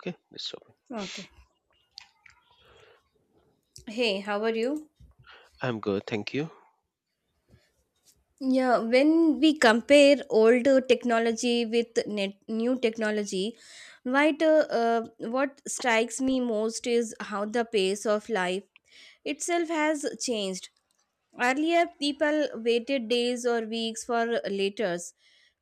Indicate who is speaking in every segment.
Speaker 1: Okay, Mr. Open.
Speaker 2: Okay. Hey, how are you?
Speaker 1: I'm good, thank you.
Speaker 2: Yeah, when we compare old technology with new technology, right, what strikes me most is how the pace of life itself has changed. Earlier, people waited days or weeks for letters,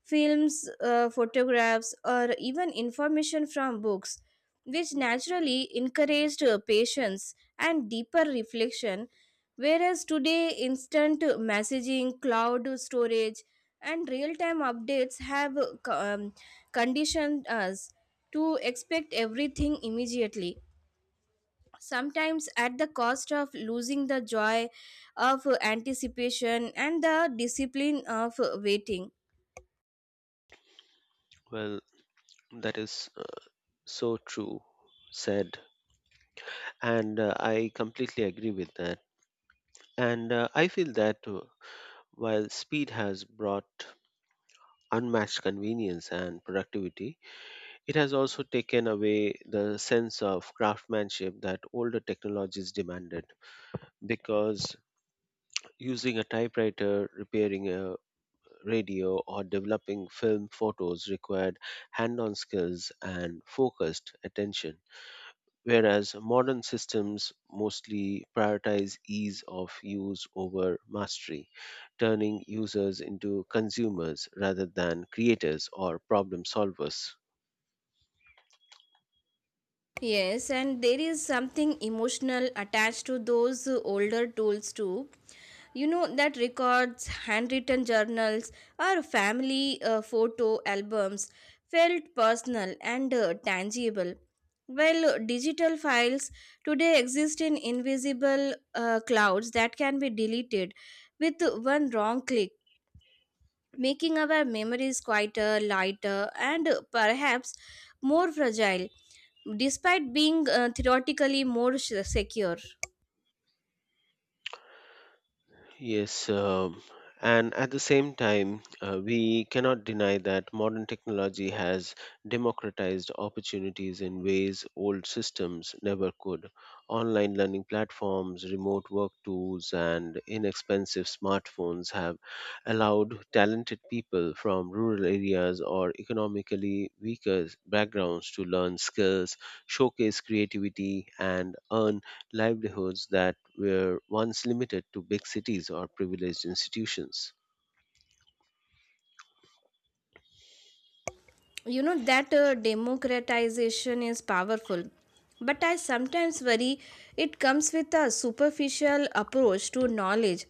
Speaker 2: films, photographs, or even information from books, which naturally encouraged patience and deeper reflection. Whereas today, instant messaging, cloud storage, and real time updates have conditioned us to expect everything immediately, sometimes at the cost of losing the joy of anticipation and the discipline of waiting.
Speaker 1: Well, that is so true said, and I completely agree with that. And I feel that while speed has brought unmatched convenience and productivity, it has also taken away the sense of craftsmanship that older technologies demanded. Because using a typewriter, repairing a radio, or developing film photos required hand on skills and focused attention whereas modern systems mostly prioritize ease of use over mastery, turning users into consumers rather than creators or problem solvers.
Speaker 2: Yes, and there is something emotional attached to those older tools too, you know that records, handwritten journals or family photo albums felt personal and tangible, while digital files today exist in invisible clouds that can be deleted with one wrong click, making our memories quieter, lighter, and perhaps more fragile despite being theoretically more secure.
Speaker 1: Yes, and at the same time, we cannot deny that modern technology has democratized opportunities in ways old systems never could. Online learning platforms, remote work tools, and inexpensive smartphones have allowed talented people from rural areas or economically weaker backgrounds to learn skills, showcase creativity, and earn livelihoods that were once limited to big cities or privileged institutions.
Speaker 2: You know that democratization is powerful, but I sometimes worry it comes with a superficial approach to knowledge,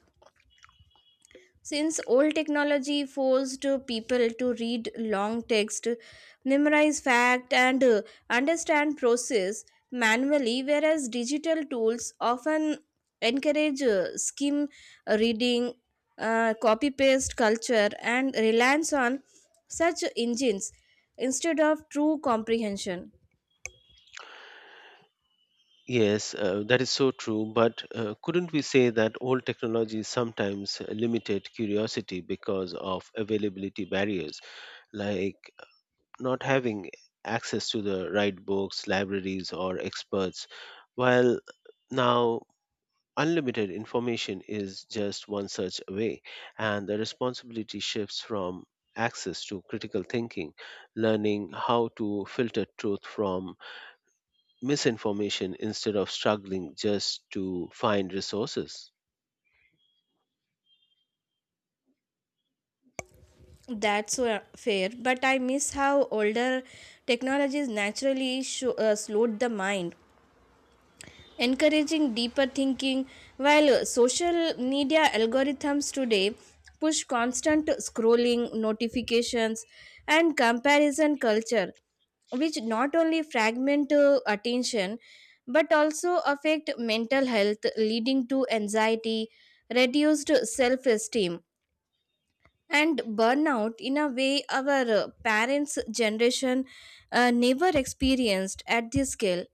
Speaker 2: since old technology forced people to read long text, memorize fact, and understand process manually, whereas digital tools often encourage skim reading, copy paste culture, and reliance on such engines instead of true comprehension.
Speaker 1: Yes, that is so true, but couldn't we say that old technologies sometimes limited curiosity because of availability barriers, like not having access to the right books, libraries, or experts, while now unlimited information is just one search away, and the responsibility shifts from access to critical thinking, learning how to filter truth from misinformation instead of struggling just to find resources.
Speaker 2: That's fair, but I miss how older technologies naturally slowed the mind, encouraging deeper thinking. While social media algorithms today push constant scrolling, notifications, and comparison culture, which not only fragment attention but also affect mental health, leading to anxiety, reduced self esteem. And burnout in a way our parents' generation never experienced at this scale.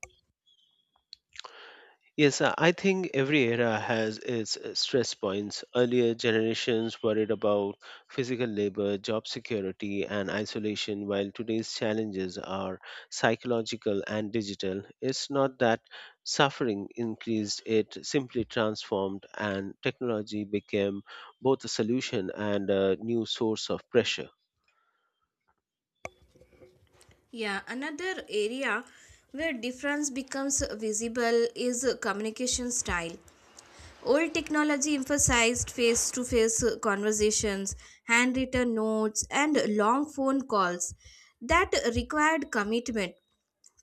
Speaker 1: Yes, I think every era has its stress points. Earlier generations worried about physical labor, job security, and isolation, while today's challenges are psychological and digital. It's not that suffering increased, it simply transformed, and technology became both a solution and a new source of pressure.
Speaker 2: Yeah, another area where difference becomes visible is communication style. Old technology emphasized face to face conversations, handwritten notes, and long phone calls that required commitment,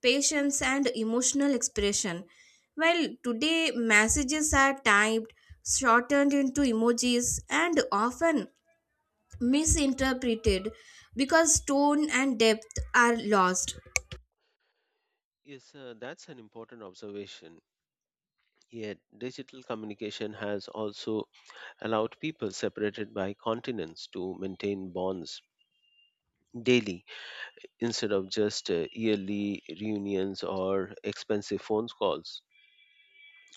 Speaker 2: patience, and emotional expression. While today messages are typed, shortened into emojis, and often misinterpreted because tone and depth are lost.
Speaker 1: Yes, that's an important observation. Yet, digital communication has also allowed people separated by continents to maintain bonds daily instead of just yearly reunions or expensive phone calls.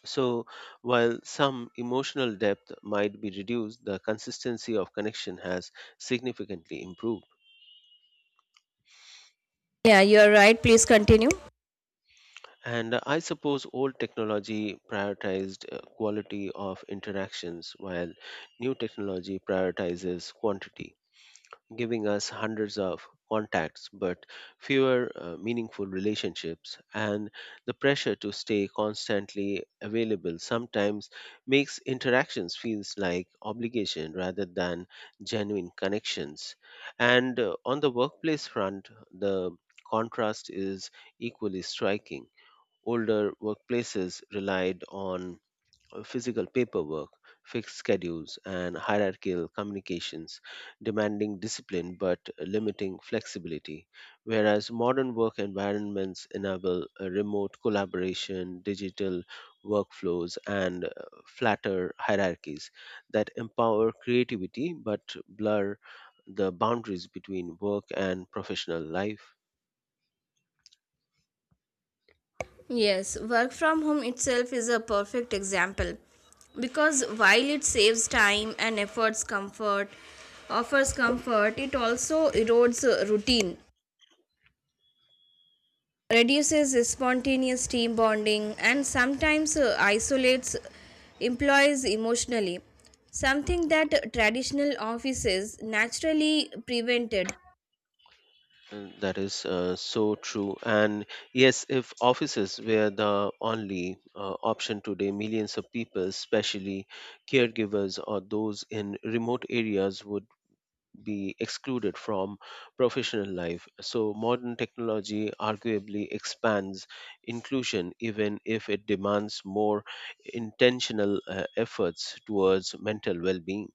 Speaker 1: So, while some emotional depth might be reduced, the consistency of connection has significantly improved.
Speaker 2: Yeah, you're right. Please continue.
Speaker 1: And I suppose old technology prioritized quality of interactions while new technology prioritizes quantity, giving us hundreds of contacts but fewer meaningful relationships, and the pressure to stay constantly available sometimes makes interactions feels like obligation rather than genuine connections. And on the workplace front, the contrast is equally striking. Older workplaces relied on physical paperwork, fixed schedules, and hierarchical communications, demanding discipline but limiting flexibility. Whereas modern work environments enable remote collaboration, digital workflows, and flatter hierarchies that empower creativity but blur the boundaries between work and professional life.
Speaker 2: Yes, work from home itself is a perfect example because while it saves time and efforts comfort, offers comfort, it also erodes routine, reduces spontaneous team bonding, and sometimes isolates employees emotionally, something that traditional offices naturally prevented.
Speaker 1: Mm, that is so true. And yes, if offices were the only option today, millions of people, especially caregivers or those in remote areas, would be excluded from professional life. So, modern technology arguably expands inclusion, even if it demands more intentional efforts towards mental well being.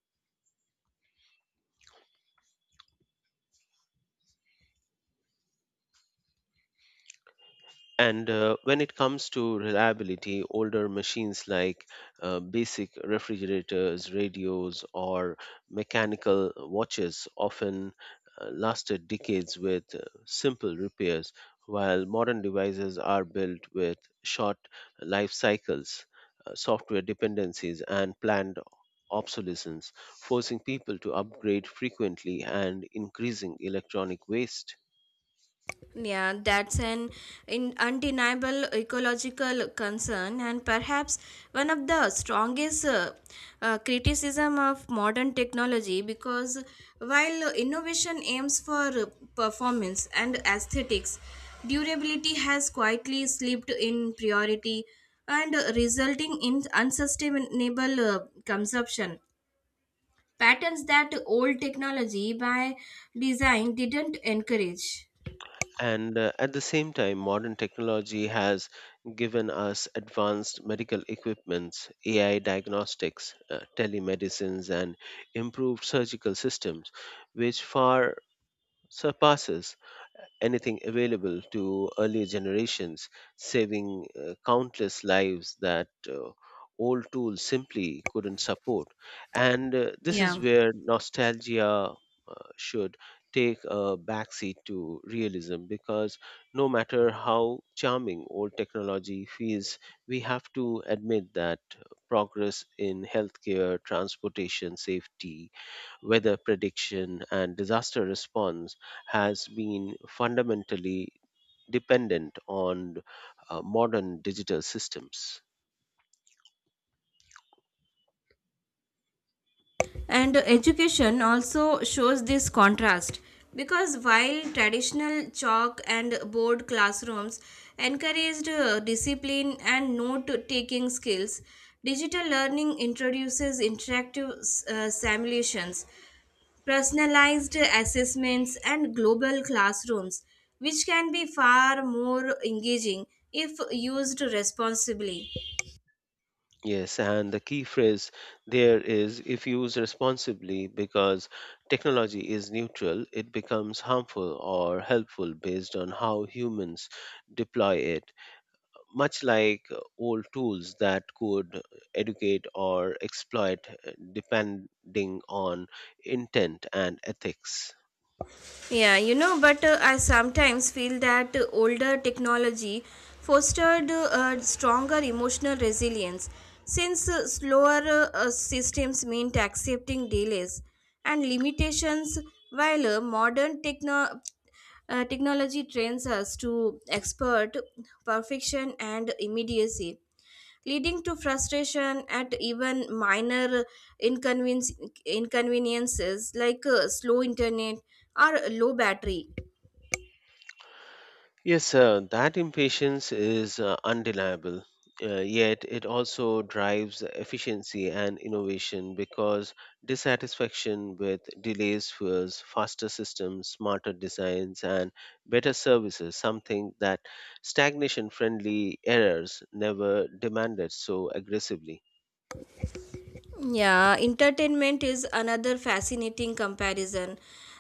Speaker 1: And when it comes to reliability, older machines like basic refrigerators, radios, or mechanical watches often lasted decades with simple repairs, while modern devices are built with short life cycles, software dependencies, and planned obsolescence, forcing people to upgrade frequently and increasing electronic waste.
Speaker 2: Yeah, that's an undeniable ecological concern, and perhaps one of the strongest criticism of modern technology. Because while innovation aims for performance and aesthetics, durability has quietly slipped in priority, and resulting in unsustainable consumption patterns that old technology by design didn't encourage.
Speaker 1: And at the same time, modern technology has given us advanced medical equipments, AI diagnostics, telemedicines, and improved surgical systems, which far surpasses anything available to earlier generations, saving countless lives that old tools simply couldn't support. And this is
Speaker 2: Yeah.
Speaker 1: where nostalgia should take a backseat to realism because no matter how charming old technology feels, we have to admit that progress in healthcare, transportation, safety, weather prediction and disaster response has been fundamentally dependent on modern digital systems.
Speaker 2: And education also shows this contrast, because while traditional chalk and board classrooms encouraged discipline and note taking skills, digital learning introduces interactive simulations, personalized assessments, and global classrooms, which can be far more engaging if used responsibly.
Speaker 1: Yes, and the key phrase there is if used responsibly because technology is neutral, it becomes harmful or helpful based on how humans deploy it, much like old tools that could educate or exploit depending on intent and ethics.
Speaker 2: Yeah, you know, but I sometimes feel that older technology fostered a stronger emotional resilience, since slower systems meant accepting delays and limitations, while modern technology trains us to expert perfection and immediacy, leading to frustration at even minor inconvenience, inconveniences like slow internet or low battery.
Speaker 1: Yes, sir, that impatience is undeniable. Yet it also drives efficiency and innovation because dissatisfaction with delays fuels faster systems, smarter designs, and better services, something that stagnation friendly errors never demanded so aggressively.
Speaker 2: Yeah, entertainment is another fascinating comparison.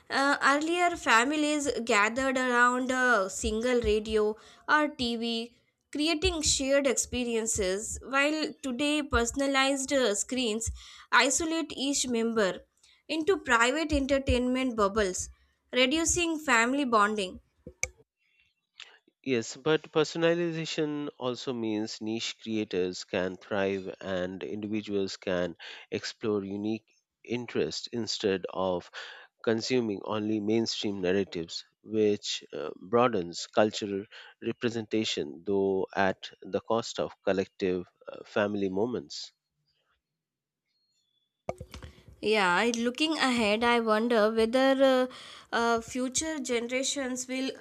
Speaker 2: Earlier, families gathered around a single radio or TV, creating shared experiences, while today, personalized screens isolate each member into private entertainment bubbles, reducing family bonding.
Speaker 1: Yes, but personalization also means niche creators can thrive and individuals can explore unique interests instead of consuming only mainstream narratives, which broadens cultural representation, though at the cost of collective family moments.
Speaker 2: Yeah, looking ahead, I wonder whether future generations will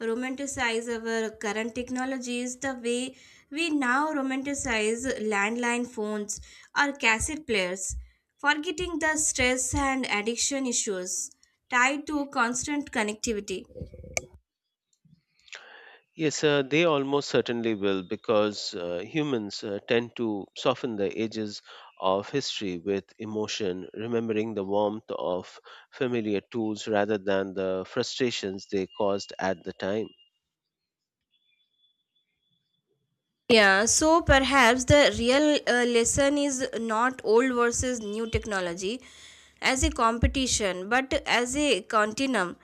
Speaker 2: romanticize our current technologies the way we now romanticize landline phones or cassette players, forgetting the stress and addiction issues tied to constant connectivity.
Speaker 1: Yes, they almost certainly will because humans tend to soften the edges of history with emotion, remembering the warmth of familiar tools rather than the frustrations they caused at the time.
Speaker 2: Yeah, so perhaps the real lesson is not old versus new technology as a competition, but as a continuum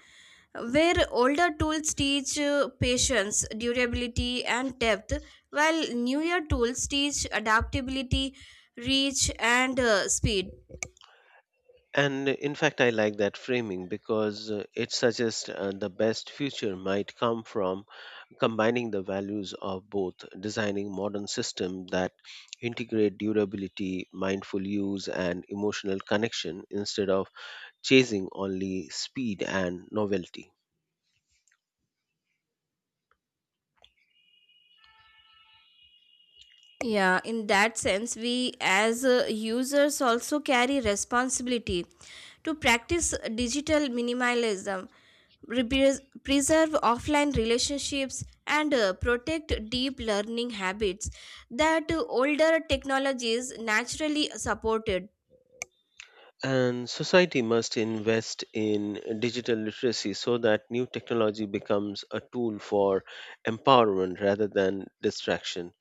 Speaker 2: where older tools teach patience, durability, and depth, while newer tools teach adaptability, reach, and speed.
Speaker 1: And in fact, I like that framing because it suggests the best future might come from combining the values of both, designing modern systems that integrate durability, mindful use, and emotional connection instead of chasing only speed and novelty.
Speaker 2: Yeah, in that sense, we as users also carry responsibility to practice digital minimalism, re- preserve offline relationships, and protect deep learning habits that older technologies naturally supported.
Speaker 1: And society must invest in digital literacy so that new technology becomes a tool for empowerment rather than distraction,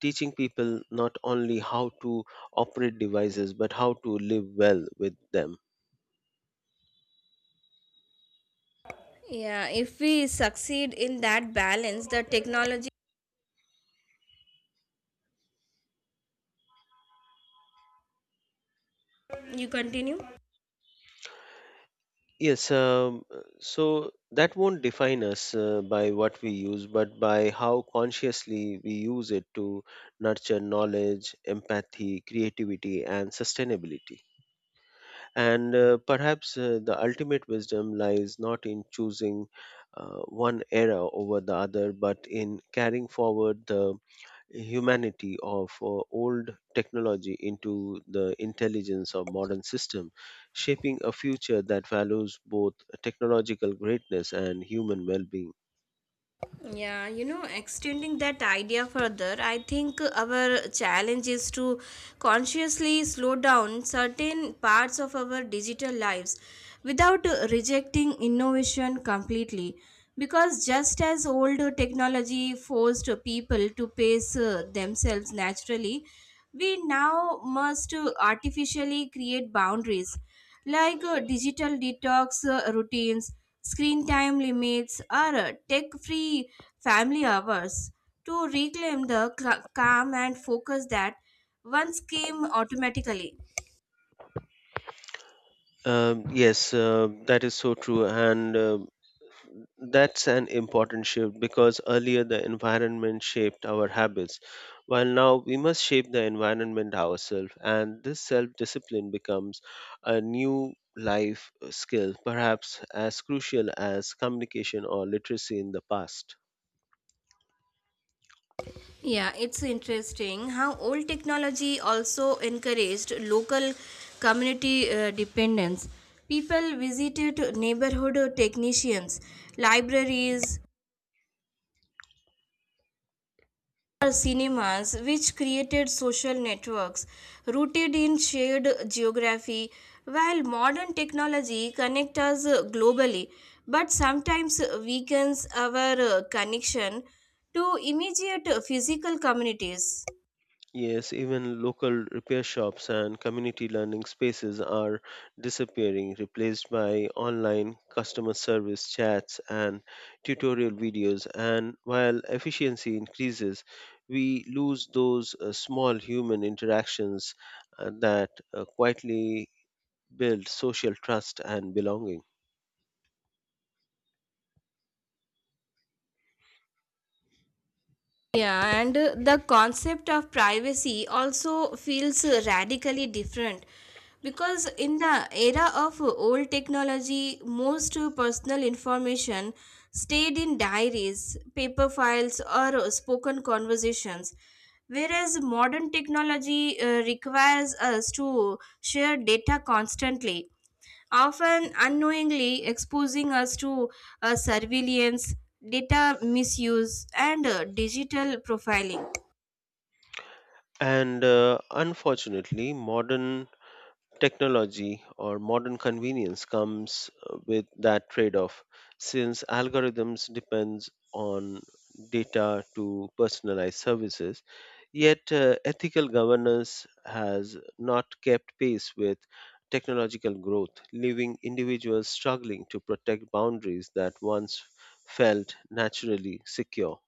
Speaker 1: teaching people not only how to operate devices but how to live well with them.
Speaker 2: Yeah, if we succeed in that balance, the technology. You continue?
Speaker 1: Yes, so that won't define us by what we use, but by how consciously we use it to nurture knowledge, empathy, creativity, and sustainability. And perhaps the ultimate wisdom lies not in choosing one era over the other, but in carrying forward the humanity of old technology into the intelligence of modern system, shaping a future that values both technological greatness and human well-being.
Speaker 2: Yeah, you know, extending that idea further, I think our challenge is to consciously slow down certain parts of our digital lives without rejecting innovation completely. Because just as old technology forced people to pace themselves naturally, we now must artificially create boundaries like digital detox routines, screen time limits, or tech free family hours to reclaim the calm and focus that once came automatically.
Speaker 1: Yes, that is so true. And uh, That's an important shift because earlier the environment shaped our habits, while now we must shape the environment ourselves. And this self discipline becomes a new life skill, perhaps as crucial as communication or literacy in the past.
Speaker 2: Yeah, it's interesting how old technology also encouraged local community dependence. People visited neighborhood technicians, libraries, cinemas, which created social networks rooted in shared geography, while modern technology connects us globally but sometimes weakens our connection to immediate physical communities.
Speaker 1: Yes, even local repair shops and community learning spaces are disappearing, replaced by online customer service chats and tutorial videos. And while efficiency increases, we lose those small human interactions that quietly build social trust and belonging.
Speaker 2: Yeah, and the concept of privacy also feels radically different, because in the era of old technology, most personal information stayed in diaries, paper files, or spoken conversations, whereas modern technology requires us to share data constantly, often unknowingly exposing us to surveillance, data misuse, and digital profiling.
Speaker 1: And unfortunately, modern technology or modern convenience comes with that trade off, since algorithms depends on data to personalize services, yet ethical governance has not kept pace with technological growth, leaving individuals struggling to protect boundaries that once felt naturally secure.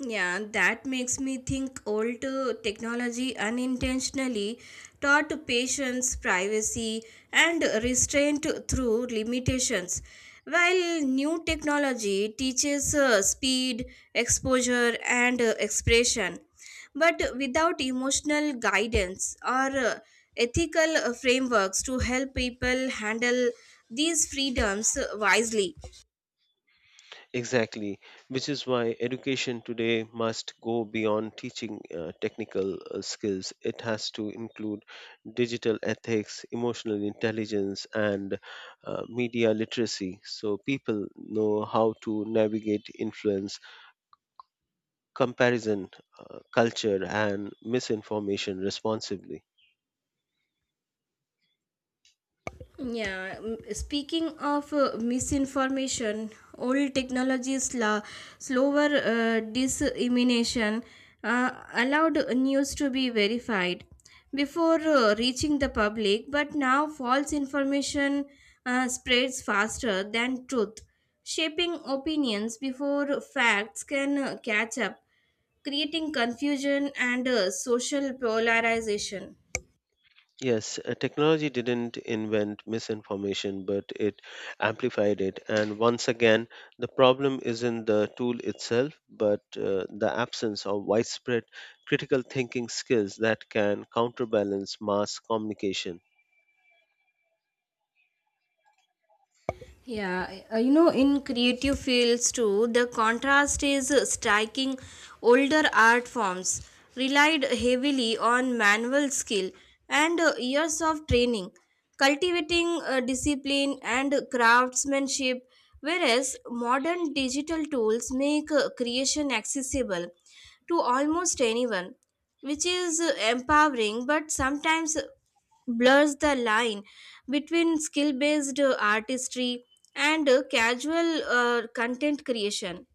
Speaker 2: Yeah, that makes me think old technology unintentionally taught patients privacy and restraint through limitations, while new technology teaches speed, exposure, and expression, but without emotional guidance or ethical frameworks to help people handle these freedoms wisely.
Speaker 1: Exactly, which is why education today must go beyond teaching technical skills. It has to include digital ethics, emotional intelligence, and media literacy, so people know how to navigate influence, comparison, culture, and misinformation responsibly.
Speaker 2: Yeah, speaking of misinformation, old technologies, slower dissemination allowed news to be verified before reaching the public, but now false information spreads faster than truth, shaping opinions before facts can catch up, creating confusion and social polarization.
Speaker 1: Yes, technology didn't invent misinformation, but it amplified it. And once again, the problem isn't the tool itself, but the absence of widespread critical thinking skills that can counterbalance mass communication.
Speaker 2: Yeah, you know, in creative fields too, the contrast is striking. Older art forms relied heavily on manual skill and years of training, cultivating discipline and craftsmanship, whereas modern digital tools make creation accessible to almost anyone, which is empowering but sometimes blurs the line between skill based artistry and casual content creation.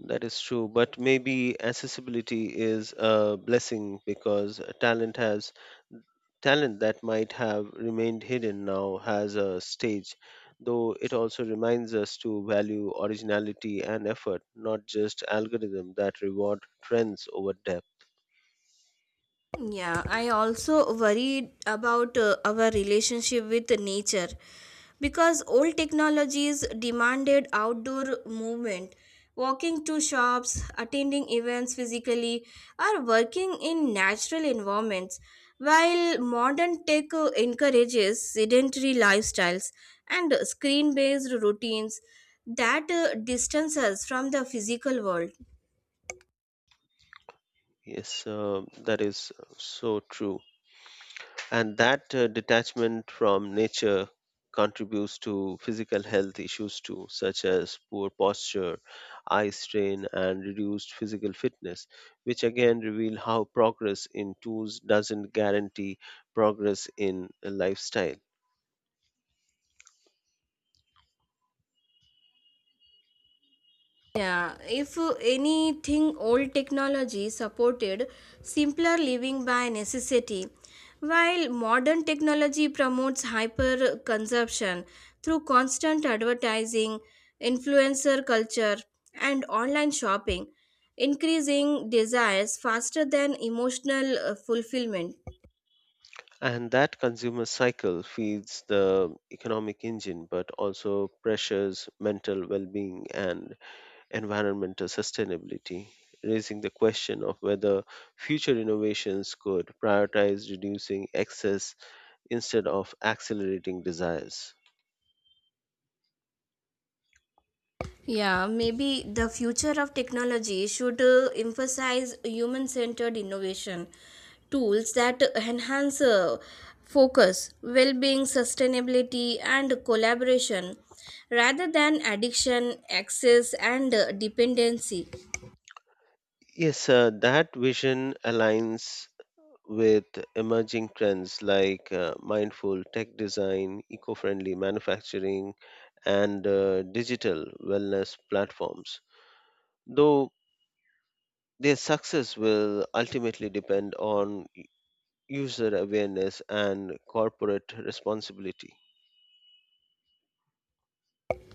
Speaker 1: That is true, but maybe accessibility is a blessing because talent that might have remained hidden now has a stage, though it also reminds us to value originality and effort, not just algorithms that reward trends over depth.
Speaker 2: Yeah, I also worried about our relationship with nature, because old technologies demanded outdoor movement, walking to shops, attending events physically, or working in natural environments, while modern tech encourages sedentary lifestyles and screen based routines that distance us from the physical world.
Speaker 1: Yes, that is so true. And that detachment from nature contributes to physical health issues too, such as poor posture, eye strain, and reduced physical fitness, which again reveal how progress in tools doesn't guarantee progress in a lifestyle.
Speaker 2: Yeah, if anything, old technology supported simpler living by necessity, while modern technology promotes hyper consumption through constant advertising, influencer culture, and online shopping, increasing desires faster than emotional fulfillment.
Speaker 1: And that consumer cycle feeds the economic engine but also pressures mental well being and environmental sustainability, raising the question of whether future innovations could prioritize reducing excess instead of accelerating desires.
Speaker 2: Yeah, maybe the future of technology should emphasize human centered innovation, tools that enhance focus, well being, sustainability, and collaboration rather than addiction, access, and dependency.
Speaker 1: Yes, that vision aligns with emerging trends like mindful tech design, eco friendly manufacturing, and digital wellness platforms. Though their success will ultimately depend on user awareness, and corporate responsibility.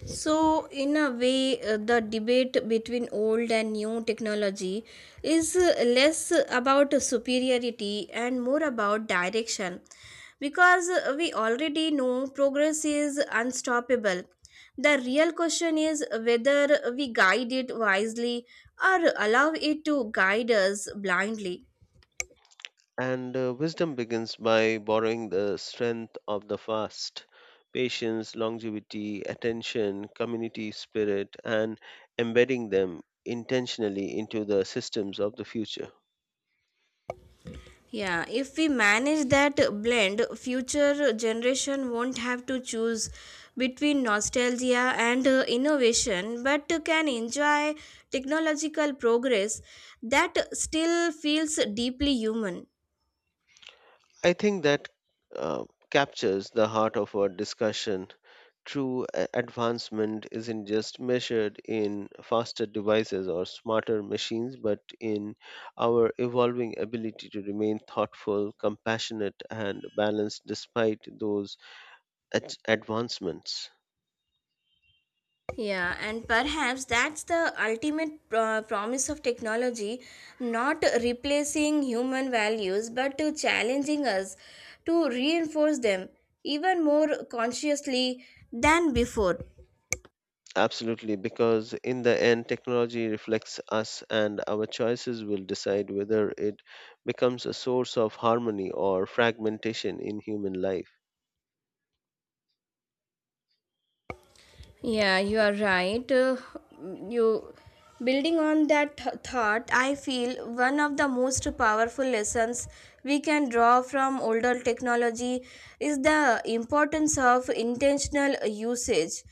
Speaker 2: So, in a way, the debate between old and new technology is less about superiority and more about direction, because we already know progress is unstoppable. The real question is whether we guide it wisely or allow it to guide us blindly.
Speaker 1: And wisdom begins by borrowing the strength of the fast, patience, longevity, attention, community spirit, and embedding them intentionally into the systems of the future.
Speaker 2: Yeah, if we manage that blend, future generation won't have to choose between nostalgia and innovation, but can enjoy technological progress that still feels deeply human.
Speaker 1: I think that uh, captures the heart of our discussion. True advancement isn't just measured in faster devices or smarter machines, but in our evolving ability to remain thoughtful, compassionate, and balanced despite those advancements.
Speaker 2: Yeah, and perhaps that's the ultimate promise of technology, not replacing human values but to challenging us to reinforce them even more consciously than before.
Speaker 1: Absolutely, because in the end, technology reflects us, and our choices will decide whether it becomes a source of harmony or fragmentation in human life.
Speaker 2: Yeah, you are right. You building on that thought, I feel one of the most powerful lessons we can draw from older technology is the importance of intentional usage.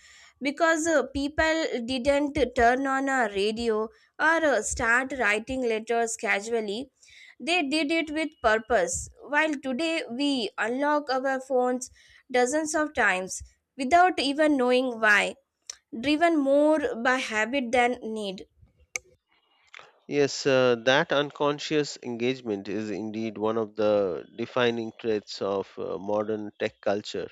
Speaker 2: Because people didn't turn on a radio or start writing letters casually, they did it with purpose. While today we unlock our phones dozens of times without even knowing why, driven more by habit than need.
Speaker 1: Yes, that unconscious engagement is indeed one of the defining traits of modern tech culture,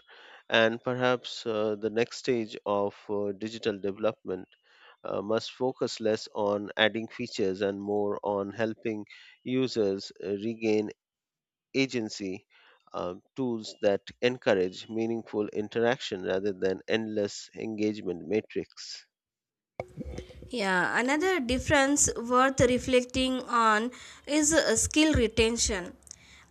Speaker 1: and perhaps the next stage of digital development must focus less on adding features and more on helping users regain agency. uh, Tools that encourage meaningful interaction rather than endless engagement matrix.
Speaker 2: Yeah, another difference worth reflecting on is skill retention.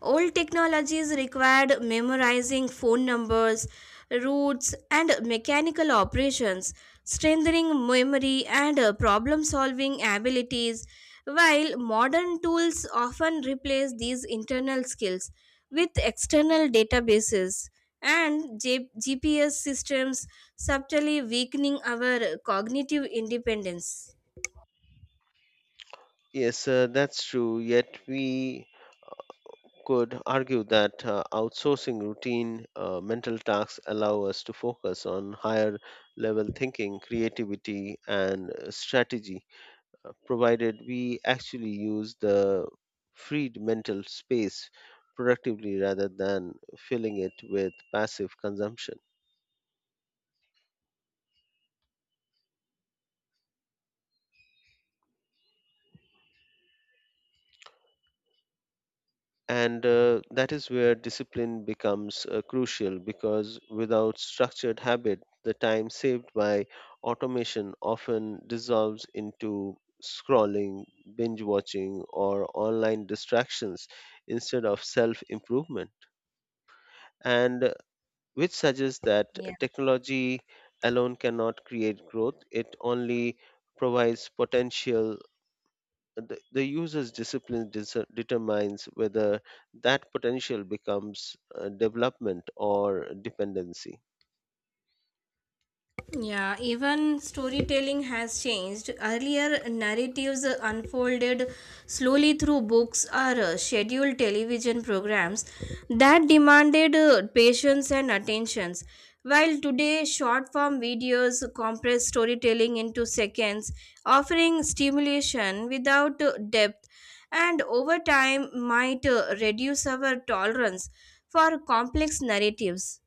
Speaker 2: Old technologies required memorizing phone numbers, routes, and mechanical operations, strengthening memory and problem solving abilities, while modern tools often replace these internal skills with external databases. And GPS systems subtly weakening our cognitive independence.
Speaker 1: Yes, that's true. Yet we could argue that outsourcing routine mental tasks allow us to focus on higher level thinking creativity and strategy, provided we actually use the freed mental space productively rather than filling it with passive consumption. And that is where discipline becomes crucial because without structured habit, the time saved by automation often dissolves into scrolling, binge watching, or online distractions instead of self improvement. And which suggests that technology alone cannot create growth, it only provides potential. The user's determines whether that potential becomes development or dependency.
Speaker 2: Yeah, even storytelling has changed. Earlier, narratives unfolded slowly through books or scheduled television programs that demanded patience and attentions. While today, short form videos compress storytelling into seconds, offering stimulation without depth, and over time might reduce our tolerance for complex narratives.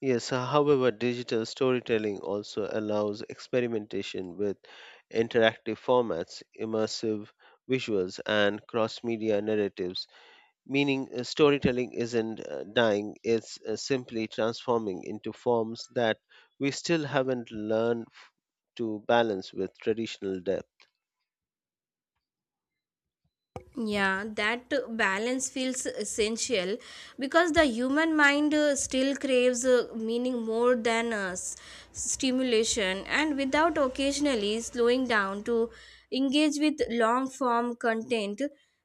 Speaker 1: Yes, however, digital storytelling also allows experimentation with interactive formats, immersive visuals, and cross media narratives, meaning storytelling isn't dying, it's simply transforming into forms that we still haven't learned to balance with traditional depth.
Speaker 2: Yeah, that balance feels essential because the human mind still craves meaning more than stimulation, and without occasionally slowing down to engage with long form content,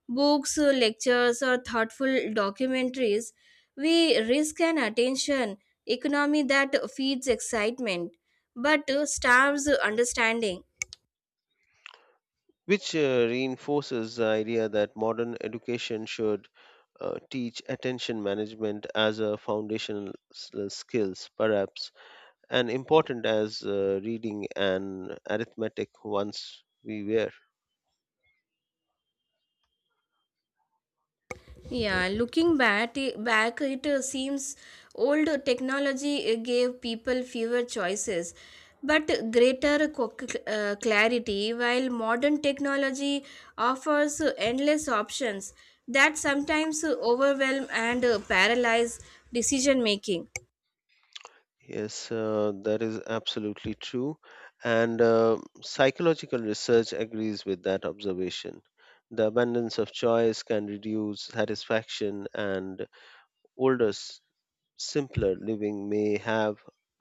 Speaker 2: books, lectures, or thoughtful documentaries, we risk an attention economy that feeds excitement but starves understanding.
Speaker 1: Which reinforces the idea that modern education should teach attention management as a foundational skills perhaps and important as reading and arithmetic once we were.
Speaker 2: Yeah, looking back, it seems old technology gave people fewer choices but greater clarity, while modern technology offers endless options that sometimes overwhelm and paralyze decision making.
Speaker 1: Yes, that is absolutely true, and psychological research agrees with that observation. The abundance of choice can reduce satisfaction, and older simpler living may have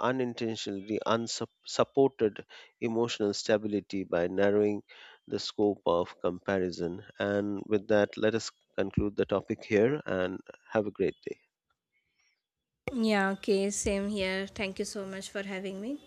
Speaker 1: unintentionally unsupported emotional stability by narrowing the scope of comparison. And with that, let us conclude the topic here and have a great day.
Speaker 2: Yeah, okay, same here. Thank you so much for having me.